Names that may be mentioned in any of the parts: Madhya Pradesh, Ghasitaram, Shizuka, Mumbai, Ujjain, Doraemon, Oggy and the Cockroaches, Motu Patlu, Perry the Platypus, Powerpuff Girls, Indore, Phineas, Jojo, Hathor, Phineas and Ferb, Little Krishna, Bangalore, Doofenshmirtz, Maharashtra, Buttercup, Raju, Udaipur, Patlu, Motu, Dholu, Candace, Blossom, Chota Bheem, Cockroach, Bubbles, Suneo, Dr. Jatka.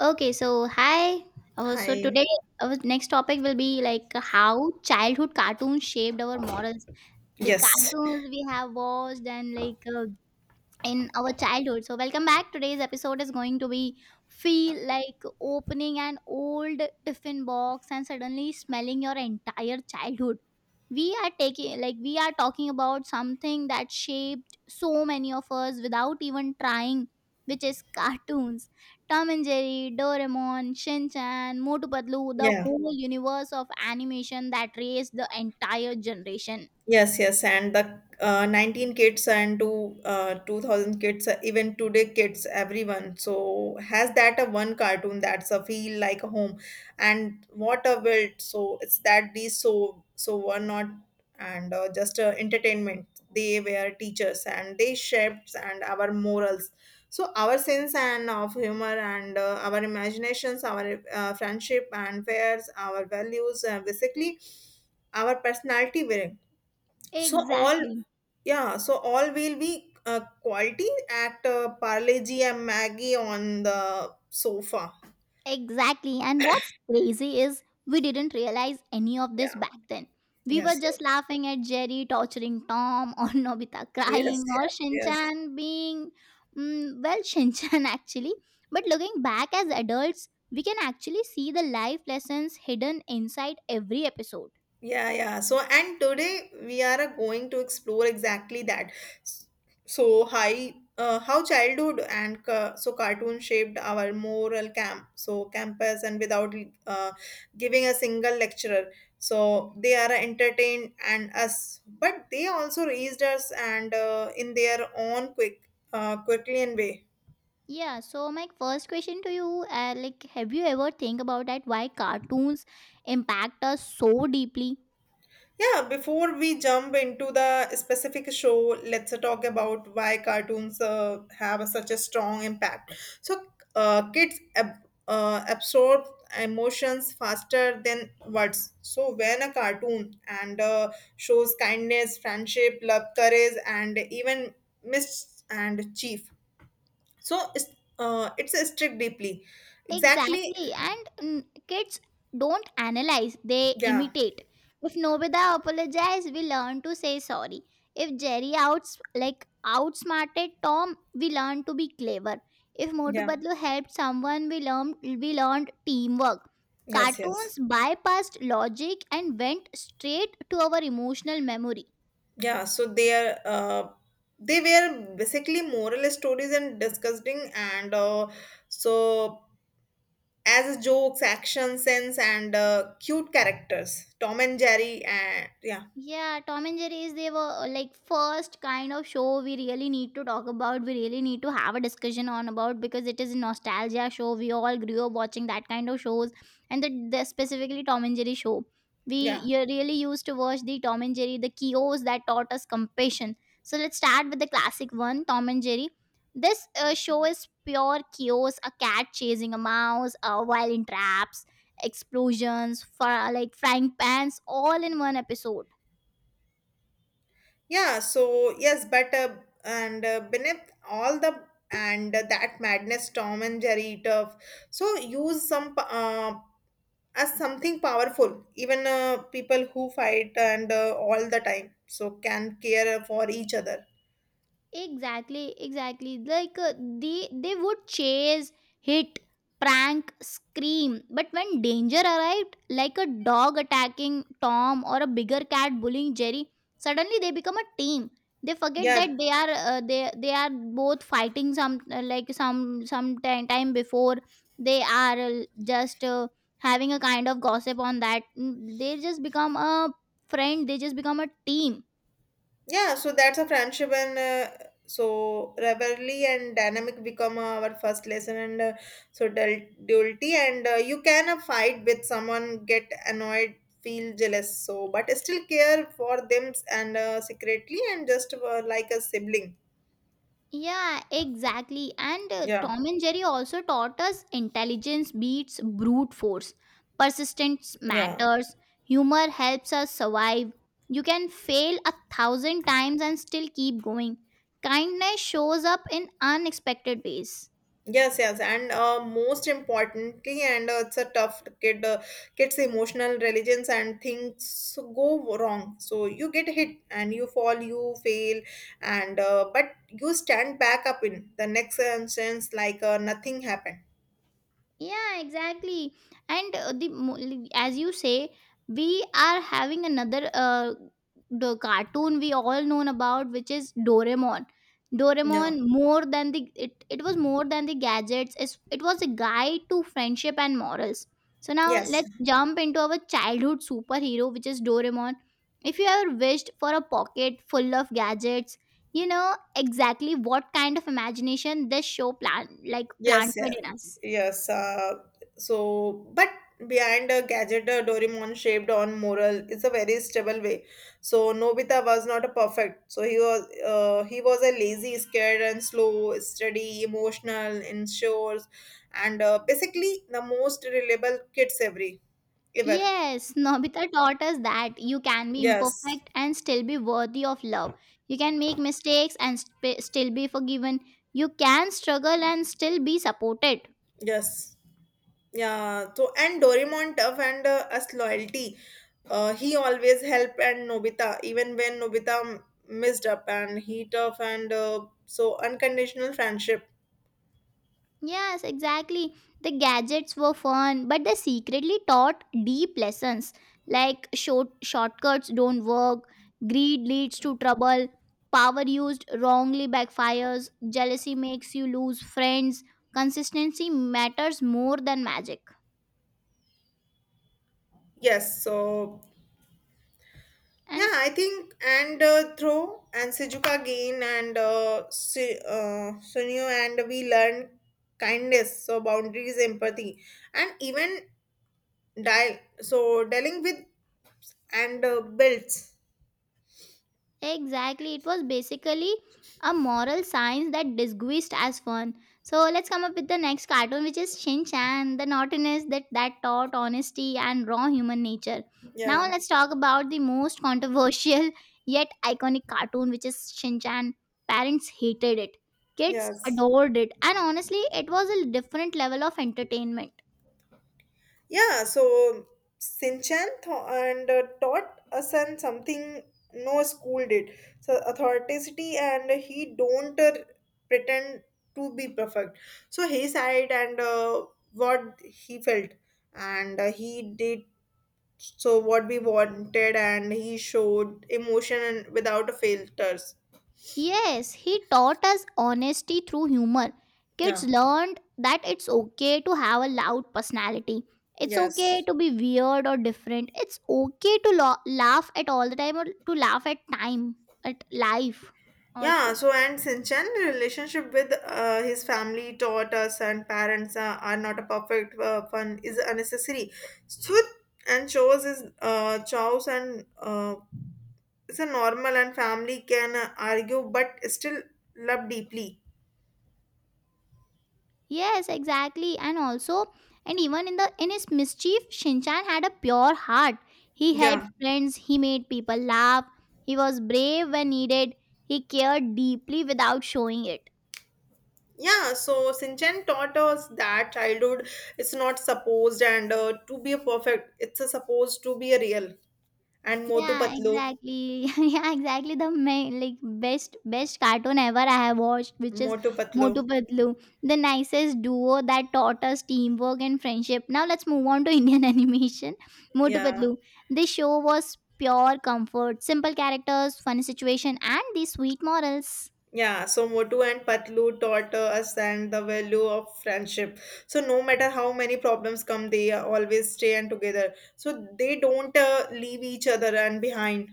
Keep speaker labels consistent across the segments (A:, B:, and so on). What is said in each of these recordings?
A: Okay, so hi. So
B: Hi.
A: today, our next topic will be like how childhood cartoons shaped our morals. The
B: Yes.
A: cartoons we have watched and like in our childhood. So, welcome back. Today's episode is going to be feel like opening an old tiffin box and suddenly smelling your entire childhood. We are taking like we are talking about something that shaped so many of us without even trying, which is cartoons. Tom and Jerry, Doraemon, Shin Chan, Motu Patlu, the
B: Yeah.
A: whole universe of animation that raised the entire generation.
B: Yes, yes, and the 19 kids and two 2000 kids, even today kids, everyone. So has that a one cartoon that's a feel like a home, and what a world. So it's that these so were not and just entertainment. They were teachers and they shaped and our morals. So our sense and of humor and our imaginations, our friendship and fears, our values, basically our personality. Were so all,
A: Exactly.
B: yeah, so all will be quality at Parle G and Maggie on the sofa.
A: Exactly. And what's crazy is we didn't realize any of this
B: Yeah.
A: back then. We were
B: Yes. Yes.
A: just laughing at Jerry torturing Tom, or Nobita
B: Yes.
A: crying, or
B: Yes. Yes.
A: Shinchan being, well, Shinchan actually. But looking back as adults, we can actually see the life lessons hidden inside every episode.
B: Yeah, yeah. So, and today we are going to explore exactly that. S- So, hi, how childhood and so cartoon shaped our moral camp, so campus, and without uh, giving a single lecturer. So they are entertained and us, but they also raised us and in their own quick, quickly and way.
A: Yeah, so my first question to you, like, have you ever think about that why cartoons impact us so deeply?
B: Yeah, before we jump into the specific show, let's talk about why cartoons have such a strong impact. So, kids absorb emotions faster than words. So, when a cartoon and shows kindness, friendship, love, courage, and even mis and chief, so it's a strict deeply. Exactly.
A: Exactly. And kids don't analyze, they
B: Yeah.
A: imitate. If Nobita apologized, we learn to say sorry. If Jerry outs like outsmarted Tom, we learn to be clever. If Motu
B: Yeah.
A: Patlu helped someone, we learned teamwork.
B: Yes.
A: Cartoons
B: Yes.
A: bypassed logic and went straight to our emotional memory.
B: Yeah, so they were basically moral stories and disgusting and so as jokes, action sense and cute characters, Tom and Jerry, and yeah,
A: Yeah, Tom and Jerry is they were like first kind of show we really need to talk about. We really need to have a discussion on about because it is a nostalgia show. We all grew up watching that kind of shows, and the specifically Tom and Jerry show. We
B: yeah,
A: you really used to watch the Tom and Jerry, the kios that taught us compassion. So let's start with the classic one, Tom and Jerry. This show is pure kios: a cat chasing a mouse, while in traps, explosions, like frying pans, all in one episode.
B: yeah. So yes, but and beneath all the and that madness, Tom and Jerry eat up. So use as something powerful. Even people who fight and all the time, so can care for each other.
A: Exactly, exactly. Like they would chase, hit, prank, scream. But when danger arrived, like a dog attacking Tom or a bigger cat bullying Jerry, suddenly they become a team. They forget
B: Yeah.
A: that they are both fighting some like some time before they are just having a kind of gossip on that. They just become a friend. They just become a team.
B: Yeah, so that's a friendship, and so rivalry and dynamic become our first lesson, and so duality, and you can fight with someone, get annoyed, feel jealous, so but still care for them and secretly, and just like a sibling.
A: Yeah, exactly. And
B: Yeah,
A: Tom and Jerry also taught us intelligence beats brute force. Persistence
B: yeah.
A: matters. Humor helps us survive. You can fail a thousand times and still keep going. Kindness shows up in unexpected ways.
B: Yes, yes, and most importantly, and it's a tough kid, kids' emotional religions and things go wrong. So you get hit and you fall, you fail, and but you stand back up in the next instance like nothing happened.
A: Yeah, exactly, and as you say we are having another the cartoon we all known about, which is Doraemon.
B: Yeah.
A: Doraemon more than it was more than the gadgets. It was a guide to friendship and morals. So now
B: Yes.
A: let's jump into our childhood superhero, which is Doraemon. If you ever wished for a pocket full of gadgets, you know exactly what kind of imagination this show plan like
B: Yes,
A: planted
B: yeah,
A: in us.
B: yes. So, but behind a gadget, a Doraemon shaped on moral is a very stable way. So Nobita was not a perfect. So he was a lazy, scared, and slow, steady, emotional, insure, and basically the most reliable kids every ever.
A: Yes, Nobita taught us that you can be
B: Yes,
A: imperfect and still be worthy of love. You can make mistakes and still be forgiven. You can struggle and still be supported.
B: yes. Yeah, so and Doraemon tough and us loyalty. He always helped and Nobita, even when messed up, and he tough and so unconditional friendship.
A: Yes, exactly. The gadgets were fun, but they secretly taught deep lessons like shortcuts don't work, greed leads to trouble, power used wrongly backfires, jealousy makes you lose friends. Consistency matters more than magic
B: Yes, so
A: and
B: yeah, I think and throw and Sejuka gain and Sunio and we learn kindness, so boundaries, empathy, and even dial. So dealing with and builds.
A: exactly. It was basically a moral science that disguised as fun. So let's come up with the next cartoon, which is Shin Chan, the naughtiness that taught honesty and raw human nature. Now
B: Yeah.
A: let's talk about the most controversial yet iconic cartoon, which is Shin Chan. Parents hated it, kids
B: Yes.
A: adored it, and honestly, it was a different level of entertainment.
B: Yeah, so Sinchan th- and taught us and something no school did. So authenticity, and he don't pretend to be perfect. So he said and what he felt, and he did so what we wanted, and he showed emotion and without filters.
A: Yes, he taught us honesty through humor. Kids
B: Yeah.
A: learned that it's okay to have a loud personality. It's okay
B: Yes.
A: to be weird or different. It's okay to laugh at all the time or to laugh at time, at life
B: Yeah,
A: also.
B: so and Sinchan relationship with his family taught us and parents are not a perfect, fun is unnecessary. So and shows is chows and it's a normal, and family can argue but still love deeply.
A: Yes, exactly. And also, and even in the in his mischief, Shinchan had a pure heart. He helped
B: Yeah.
A: friends, he made people laugh. He was brave when needed. He cared deeply without showing it.
B: Yeah, so Sinchan taught us that childhood is not supposed and to be a perfect. It's a supposed to be a real and more
A: Yeah,
B: patlo,
A: exactly. Yeah, exactly. The main, like best cartoon ever I have watched, which is
B: more patlo.
A: Motu Patlu, the nicest duo that taught us teamwork and friendship. Now let's move on to Indian animation. Motu
B: Yeah.
A: Patlu. This show was pure comfort, simple characters, funny situation, and the sweet morals.
B: Yeah, so Motu and Patlu taught us and the value of friendship. So no matter how many problems come, they always stay and together. So they don't leave each other and behind.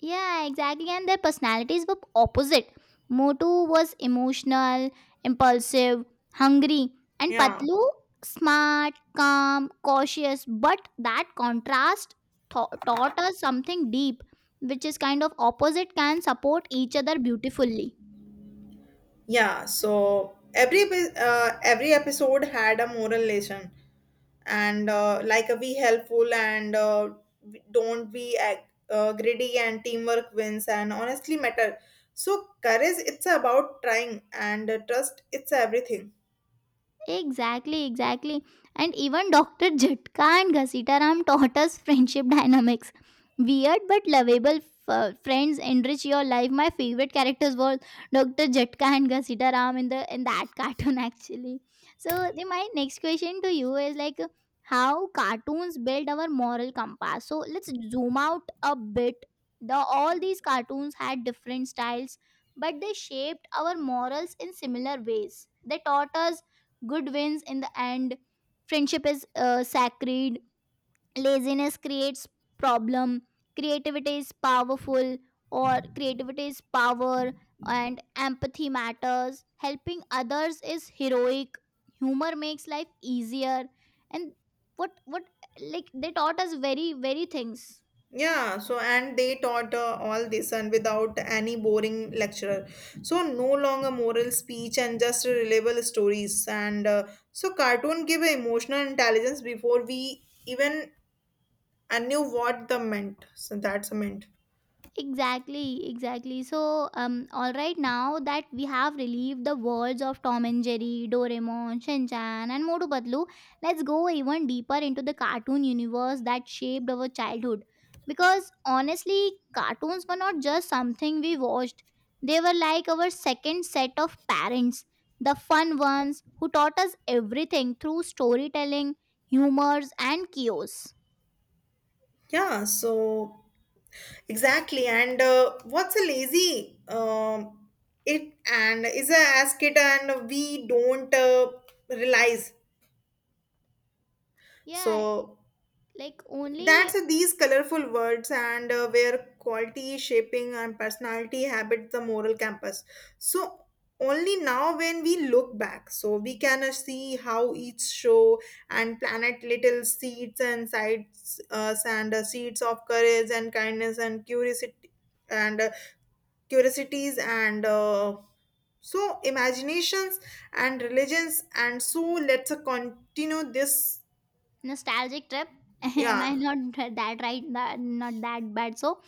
A: Yeah, exactly. And their personalities were opposite. Motu was emotional, impulsive, hungry, and
B: Yeah,
A: Patlu smart, calm, cautious. But that contrast taught us something deep, which is kind of opposite can support each other beautifully.
B: yeah. So every episode had a moral lesson, and like be helpful and don't be greedy, and teamwork wins, and honestly matter. So courage, it's about trying, and trust, it's everything.
A: Exactly, exactly. And even Dr. Jatka and Ghasitaram taught us friendship dynamics. Weird but lovable friends enrich your life. My favorite characters were Dr. Jatka and Ghasitaram in the in that cartoon actually. So my next question to you is like how cartoons build our moral compass. So let's zoom out a bit. The all these cartoons had different styles, but they shaped our morals in similar ways. They taught us good wins in the end, friendship is sacred, laziness creates problem, creativity is powerful or creativity is power, and empathy matters, helping others is heroic, humor makes life easier, and what like they taught us very things.
B: Yeah, so and they taught all this and without any boring lecturer. So no longer moral speech and just reliable stories. And so cartoon give a emotional intelligence before we even I knew what the meant. So that's a meant.
A: Exactly, exactly. So, all right, now that we have relieved the worlds of Tom and Jerry, Doraemon, Shinchan, and Motu Patlu, let's go even deeper into the cartoon universe that shaped our childhood. Because honestly, cartoons were not just something we watched, they were like our second set of parents, the fun ones who taught us everything through storytelling, humors, and chaos.
B: Yeah, so exactly. And what's a lazy? It and is a as kid and we don't realize.
A: Yeah,
B: So
A: like
B: that's
A: only
B: these colorful words and where quality shaping and personality habit the moral campus. So only now when we look back, so we can see how each show and planet little seeds and sides and seeds of courage and kindness and curiosity and curiosities and so imaginations and religions, and so let's continue this.
A: nostalgic trip. Am I
B: Yeah,
A: not that right, that not that bad? So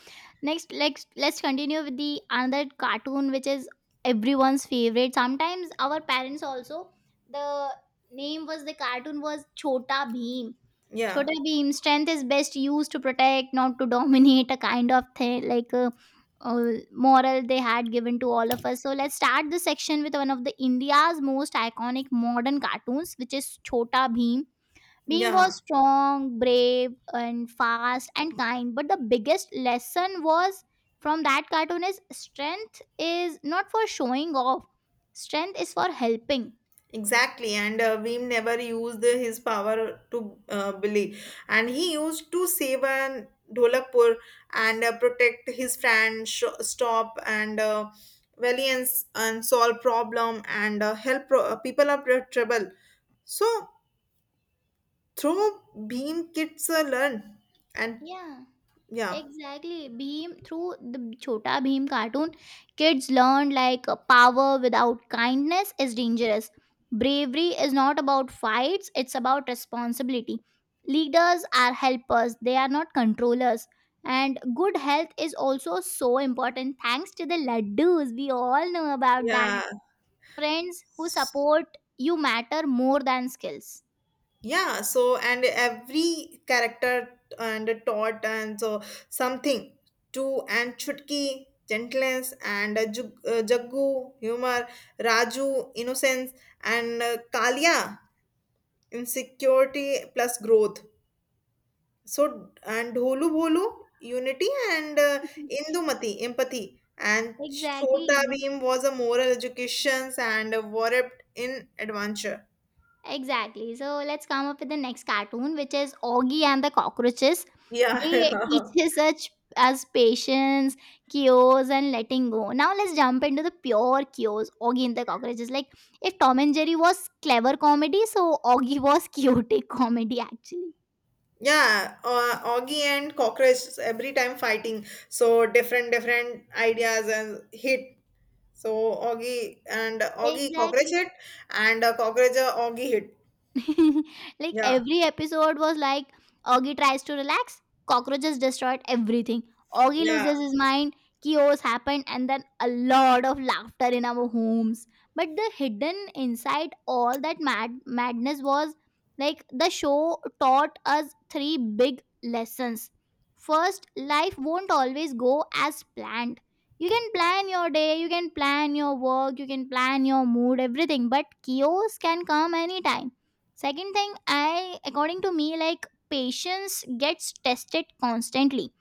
A: next, let's continue with the another cartoon, which is everyone's favorite, sometimes our parents also. The name was, the cartoon was Chota Bheem.
B: yeah,
A: Chota Bheem, strength is best used to protect, not to dominate, a kind of thing like a moral they had given to all of us. So let's start this section with one of the India's most iconic modern cartoons, which is Chota Bheem. Beam was
B: yeah.
A: strong, brave, and fast and kind. But the biggest lesson was from that cartoon is strength is not for showing off. Strength is for helping.
B: Exactly, and Veem never used his power to bully, and he used to save an Dholakpur and protect his friend, stop and valiance and solve problem and help people of their trouble. So through Beam, kids learn, and
A: Yeah.
B: yeah,
A: Exactly. Beam, through the Chota Bhim cartoon, kids learned like power without kindness is dangerous. Bravery is not about fights, it's about responsibility. Leaders are helpers, they are not controllers. And good health is also so important, thanks to the laddus. We all know about that.
B: yeah.
A: Friends who support you matter more than skills.
B: Yeah, so and every character and taught and so something to and chutki gentleness and jaggu humor, raju innocence, and kalia insecurity plus growth, so and dholu bolu unity and indumati empathy, and chota
A: Exactly.
B: Bheem was a moral education and warped in adventure.
A: Exactly. So let's come up with the next cartoon, which is Augie and the Cockroaches.
B: Yeah.
A: They teaches such as patience, cures, and letting go. Now let's jump into the pure cures. Augie and the Cockroaches. Like if Tom and Jerry was clever comedy, so Augie was chaotic comedy actually.
B: Yeah, Augie and Cockroach every time fighting. So different different ideas and hit. So Augie and Augie Cockroach
A: Exactly.
B: hit and Cockroach Augie hit.
A: Like
B: Yeah,
A: every episode was like Augie tries to relax, cockroaches destroyed everything. Augie
B: yeah,
A: loses his mind, chaos happened, and then a lot of laughter in our homes. But the hidden inside all that madness was like the show taught us three big lessons. First, life won't always go as planned. You can plan your day, you can plan your work, you can plan your mood, everything, but chaos can come anytime. Second thing, I according to me, like patience gets tested constantly.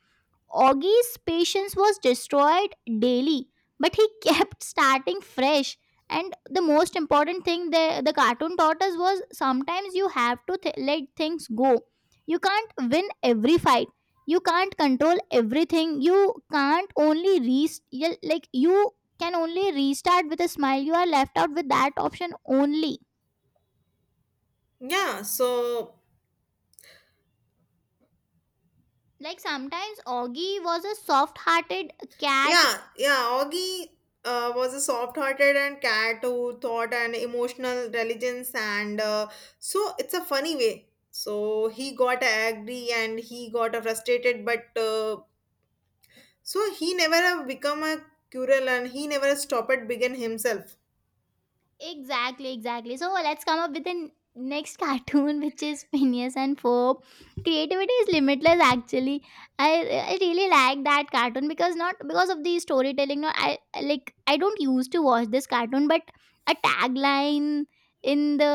A: Augie's patience was destroyed daily, but he kept starting fresh. And the most important thing the cartoon taught us was sometimes you have to let things go. You can't win every fight. You can't control everything. You can't only re Like you can only restart with a smile. You are left out with that option only.
B: yeah. So
A: Like sometimes Augie was a soft hearted cat.
B: yeah, yeah. Augie was a soft-hearted and cat who thought and emotional intelligence and so it's a funny way. So he got angry and he got frustrated, but. So he never have become a curel, and he never stopped at begin himself.
A: Exactly, exactly. So let's come up with the next cartoon, which is Phineas and Ferb. Creativity is limitless actually. I really like that cartoon because not because of the storytelling, not I like I don't used to watch this cartoon, but a tagline in the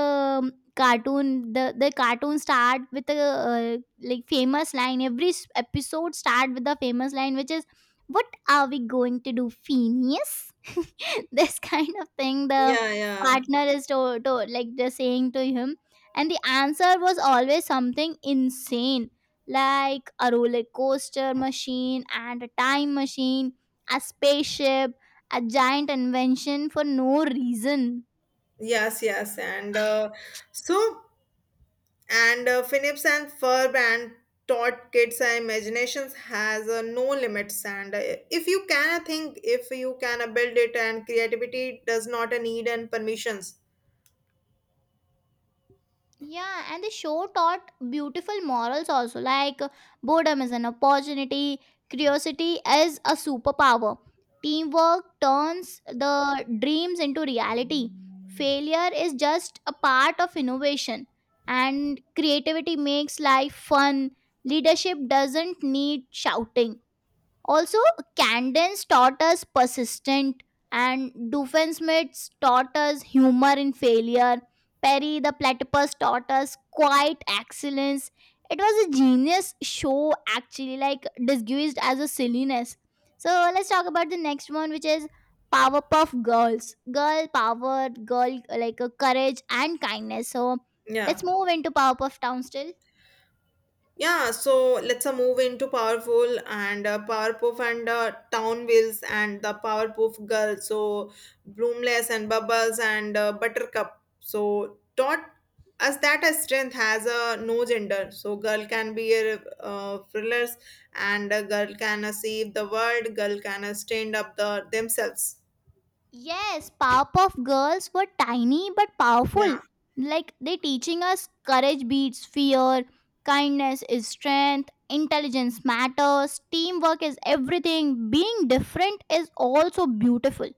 A: um, cartoon, the cartoon start with a like famous line, every episode start with the famous line, which is what are we going to do, Phineas? This kind of thing, the
B: Yeah, yeah.
A: partner is to like just saying to him, and the answer was always something insane, like a roller coaster machine and a time machine, a spaceship, a giant invention for no reason.
B: Yes, yes. And so, and Phillips and Ferb and taught kids imaginations has no limits. And if you can think, if you can build it, and creativity does not need and permissions.
A: Yeah, and the show taught beautiful morals also, like boredom is an opportunity, curiosity is a superpower. Teamwork turns the dreams into reality. Failure is just a part of innovation, and creativity makes life fun. Leadership doesn't need shouting. Also, Candence taught us persistent, and Doofenshmirtz taught us humor in failure. Perry the Platypus taught us quiet excellence. It was a genius show, actually, like disguised as a silliness. So let's talk about the next one, which is Powerpuff Girls. Girl power, girl courage and kindness. So
B: Yeah.
A: let's move into Powerpuff Town still.
B: Yeah, so let's move into Powerful and Powerpuff and Town Wheels and the Powerpuff Girl. So Bloomless and Bubbles and Buttercup. So taught us that a strength has a no gender. So girl can be a thrillers, and a girl can save the world. Girl can stand up the themselves.
A: Yes, Powerpuff Girls were tiny but powerful.
B: Yeah.
A: Like they teaching us courage beats fear, kindness is strength, intelligence matters, teamwork is everything. Being different is also beautiful.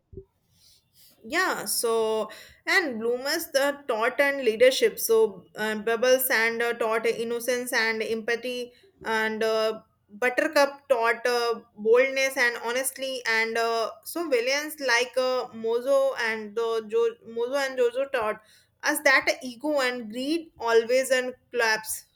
B: Yeah, so and bloomers the taught and leadership, so bubbles and taught innocence and empathy, and buttercup taught boldness and honestly, and so villains like mozo and jojo taught us that ego and greed always and collapse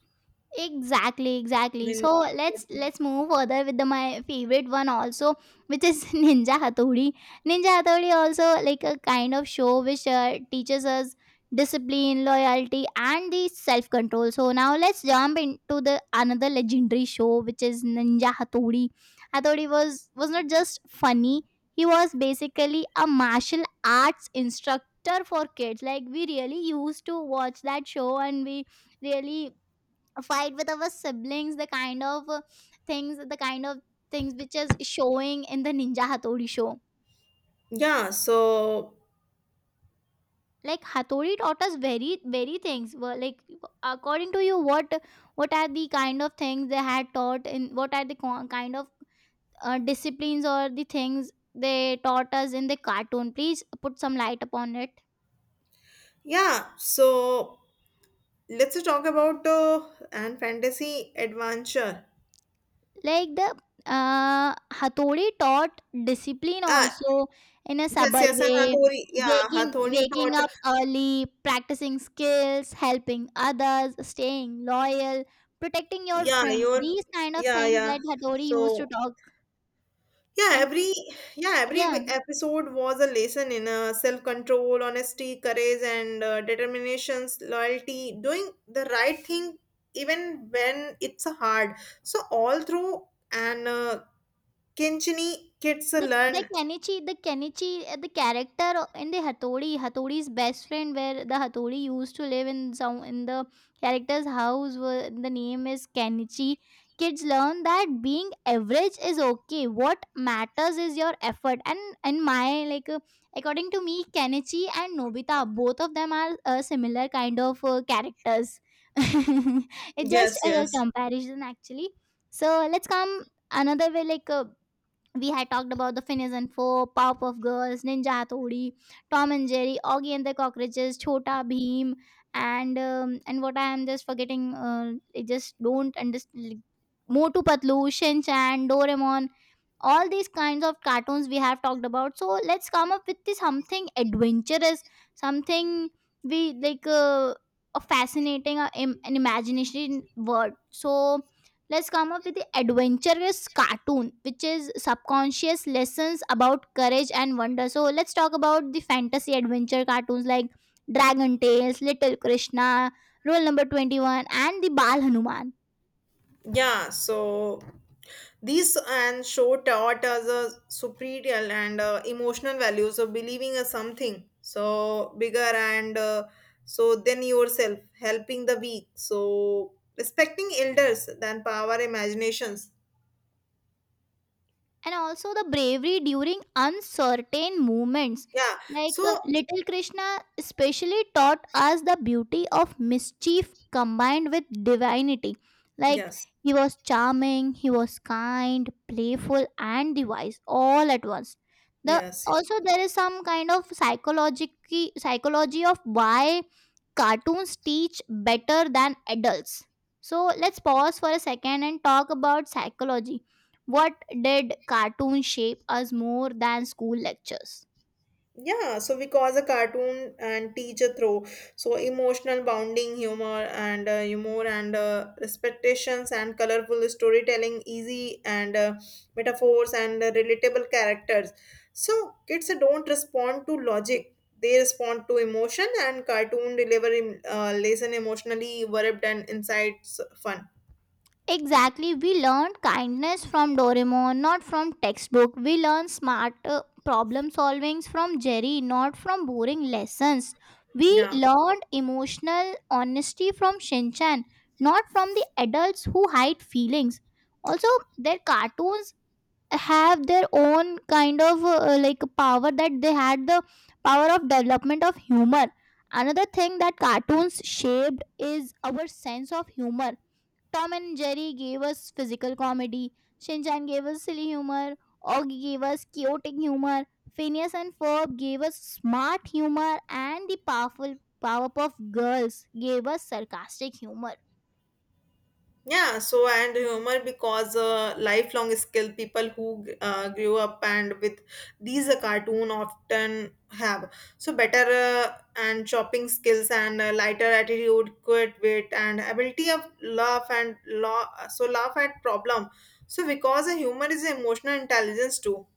A: Exactly, exactly.
B: in.
A: So let's move further with the, my favorite one also, which is Ninja Hatori. Ninja Hatori also like a kind of show which teaches us discipline, loyalty, and the self control. So now let's jump into the another legendary show, which is Ninja Hatori. Hatori was not just funny; he was basically a martial arts instructor for kids. Like we really used to watch that show, and we really a fight with our siblings the kind of things the kind of things which is showing in the ninja hatori show
B: Yeah, so
A: like hatori taught us very things. Well, like according to you what are the kind of things they had taught and what are the kind of disciplines or the things they taught us in the cartoon, please put some light upon it.
B: yeah, so let's talk about and fantasy adventure.
A: Like the Hathodi taught discipline
B: Yeah.
A: also in a
B: Yes,
A: subtle
B: yes, and
A: way,
B: Hathori, yeah,
A: waking
B: Hathori
A: waking
B: taught,
A: up early, practicing skills, helping others, staying loyal, protecting your
B: yeah,
A: friends.
B: your,
A: These kind of
B: yeah,
A: things
B: yeah.
A: that Hathodi used to
B: So,
A: talk
B: yeah,
A: and
B: every, yeah,
A: yeah.
B: episode was a lesson in self-control, honesty, courage, and determinations, loyalty, doing the right thing even when it's hard. So all through and Kinchini kids
A: The the
B: learn.
A: Kenichi the Kenichi uh, the character in the Hatori's best friend where the Hatori used to live in some in the character's house where the name is Kenichi. Kids learn that being average is okay. What matters is your effort. And in my according to me, Kenichi and Nobita both of them are similar kind of characters. It's just
B: Yes,
A: a
B: yes.
A: comparison actually. So let's come another way like. We had talked about the Phineas and Ferb, Powerpuff Girls, Ninja Hathodi, Tom and Jerry, Augie and the Cockroaches, Chota Bheem, and what I am just forgetting. I just don't understand. Motu Patlu, Shin Chan, Doraemon, all these kinds of cartoons we have talked about. So let's come up with the something adventurous, something we like a fascinating an imagination word. So let's come up with the adventurous cartoon which is subconscious lessons about courage and wonder. So let's talk about the fantasy adventure cartoons like Dragon Tales, Little Krishna, Rule Number 21, and the Bal Hanuman,
B: Yeah, so these and show taught us a superior and emotional value. So believing a something so bigger and so than yourself, helping the weak. So respecting elders than power imaginations.
A: and also the bravery during uncertain moments.
B: Yeah. So
A: Little Krishna especially taught us the beauty of mischief combined with divinity. Like
B: yes,
A: he was charming, he was kind, playful, and device all at once. The
B: yes.
A: also there is some kind of psychology of why cartoons teach better than adults. So let's pause for a second and talk about psychology. What did cartoons shape us more than school lectures?
B: Yeah, so because a cartoon and teacher throw so emotional bonding, humor, and humor and respectations, and colorful storytelling, easy and metaphors, and relatable characters. So kids don't respond to logic; they respond to emotion, and cartoon deliver lesson emotionally, verbed and insights fun.
A: Exactly, we learned kindness from Doraemon, not from textbook. We learned smart problem solvings from Jerry, not from boring lessons. We
B: Yeah.
A: learned emotional honesty from Shinchan, not from the adults who hide feelings. Also, their cartoons have their own kind of like power that they had the power of development of humor. Another thing that cartoons shaped is our sense of humor. Tom and Jerry gave us physical comedy, Shinchan gave us silly humor, Oggy gave us chaotic humor, Phineas and Ferb gave us smart humor, and the powerful Powerpuff Girls gave us sarcastic humor.
B: Yeah, so and humor because lifelong skill, people who grew up and with these cartoon often have so better and shopping skills and lighter attitude, good wit and ability of laugh and laugh, so laugh at problem. So because humor is emotional intelligence too.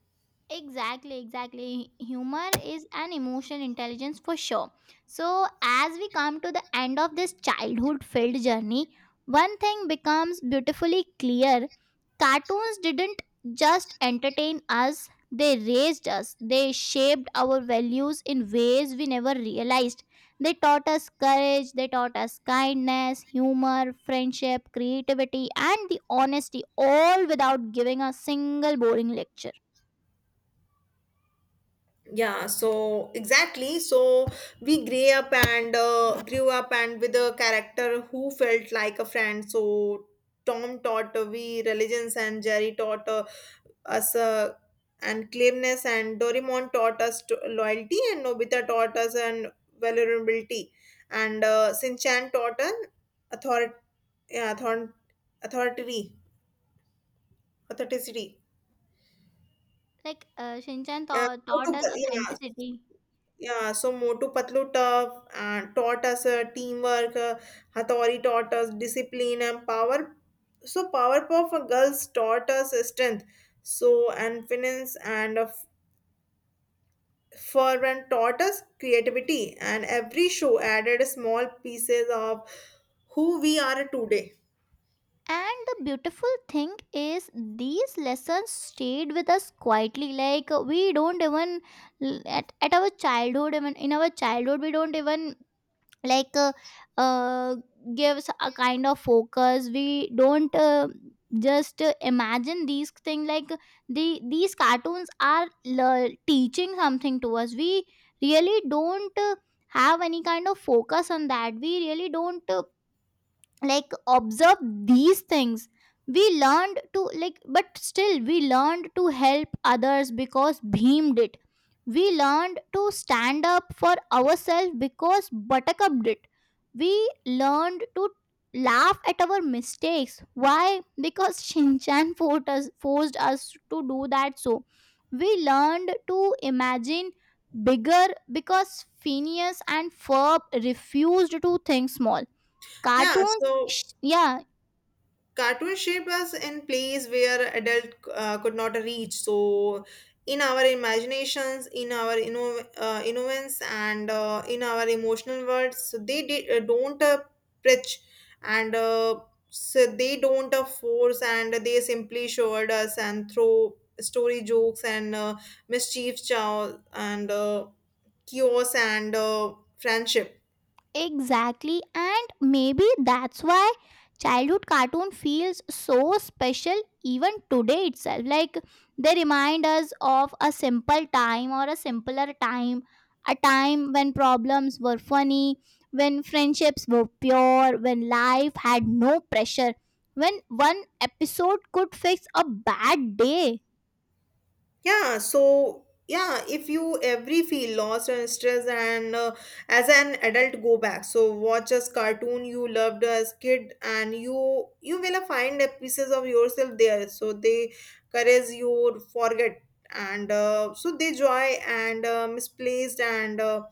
A: Exactly, exactly. Humor is an emotional intelligence for sure. So, as we come to the end of this childhood filled journey, one thing becomes beautifully clear: cartoons didn't just entertain us, they raised us, they shaped our values in ways we never realized. They taught us courage, they taught us kindness, humor, friendship, creativity, and the honesty, all without giving a single boring lecture.
B: Yeah, so exactly, so we grew up and with a character who felt like a friend, so tom taught we religions, and jerry taught us and clearness, and doraemon taught us to loyalty, and nobita taught us and vulnerability, and sinchan taught an author- yeah, author- authority authenticity,
A: Shinchan
B: yeah,
A: taught,
B: so
A: taught us
B: to- yeah.
A: authenticity.
B: Yeah, so Motu Patlu tough, and taught us teamwork, Hathori taught us discipline and power. So Powerpuff Girls taught us strength. So and finance and Fervent taught us creativity. And every show added small pieces of who we are today.
A: And the beautiful thing is, these lessons stayed with us quietly. Like we don't even at our childhood, even in our childhood, we don't even like uh, uh, gives a kind of focus, we don't just imagine these things. Like these cartoons are teaching something to us, we really don't have any kind of focus on that, we really don't like observe these things. We learned to like, but still we learned to help others because Bhim did, we learned to stand up for ourselves because Buttercup did, we learned to laugh at our mistakes. Why? Because Shinchan forced us to do that. So we learned to imagine bigger because Phineas and Ferb refused to think small.
B: Yeah,
A: Cartoons
B: so
A: yeah,
B: cartoon shaped us in place where adult could not reach, so in our imaginations, in our innocence, and in our emotional words, so they did, don't preach and so they don't force, and they simply showed us and throw story jokes and mischief chow and chaos and friendship.
A: exactly. And maybe that's why childhood cartoon feels so special even today itself. Like they remind us of a simple time or a simpler time, a time when problems were funny, when friendships were pure, when life had no pressure, when one episode could fix a bad day.
B: Yeah, so yeah, if you every feel lost and stressed, and as an adult go back, so watch a cartoon you loved as kid, and you will find a pieces of yourself there. So they courage you forget, and so they joy and misplaced, and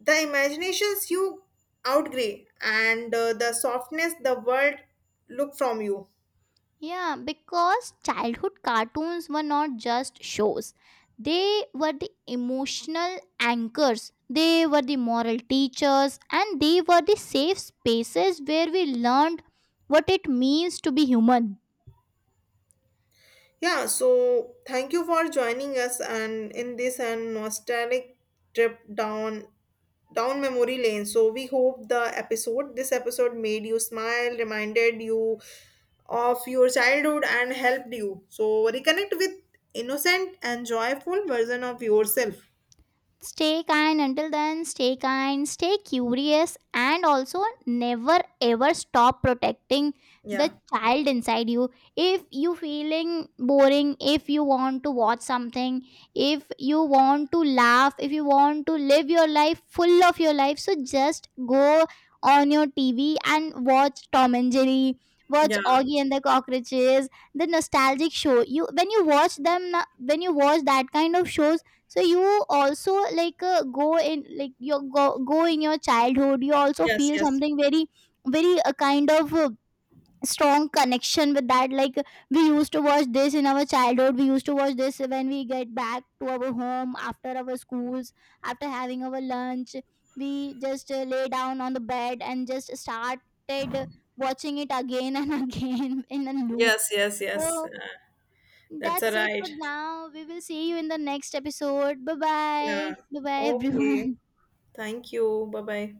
B: the imaginations you outgrow, and the softness the world look from you.
A: Yeah, because childhood cartoons were not just shows. They were the emotional anchors, they were the moral teachers, and they were the safe spaces where we learned what it means to be human.
B: Yeah, so thank you for joining us and in this and nostalgic trip down memory lane. So we hope the episode this episode made you smile, reminded you of your childhood and helped you. So reconnect with innocent and joyful version of yourself.
A: Stay kind. Until then, stay kind, stay curious, and also never ever stop protecting the
B: Yeah.
A: child inside you. If you feeling boring, if you want to watch something, if you want to laugh, if you want to live your life full of your life, so just go on your TV and watch Tom and Jerry, watch
B: Yeah.
A: Augie and the Cockroaches, the nostalgic show. You when you watch them, when you watch that kind of shows, so you also go in, like you go in your childhood you also
B: Yes,
A: feel
B: yes.
A: something very very kind of strong connection with that. Like we used to watch this in our childhood, we used to watch this when we get back to our home after our schools, after having our lunch, we just lay down on the bed and just started watching it again and again in a loop.
B: Yes, yes, yes.
A: So
B: That's a
A: that's it
B: right.
A: for now. We will see you in the next episode. Bye bye.
B: Yeah.
A: Bye bye,
B: Okay.
A: everyone.
B: Thank you. Bye-bye.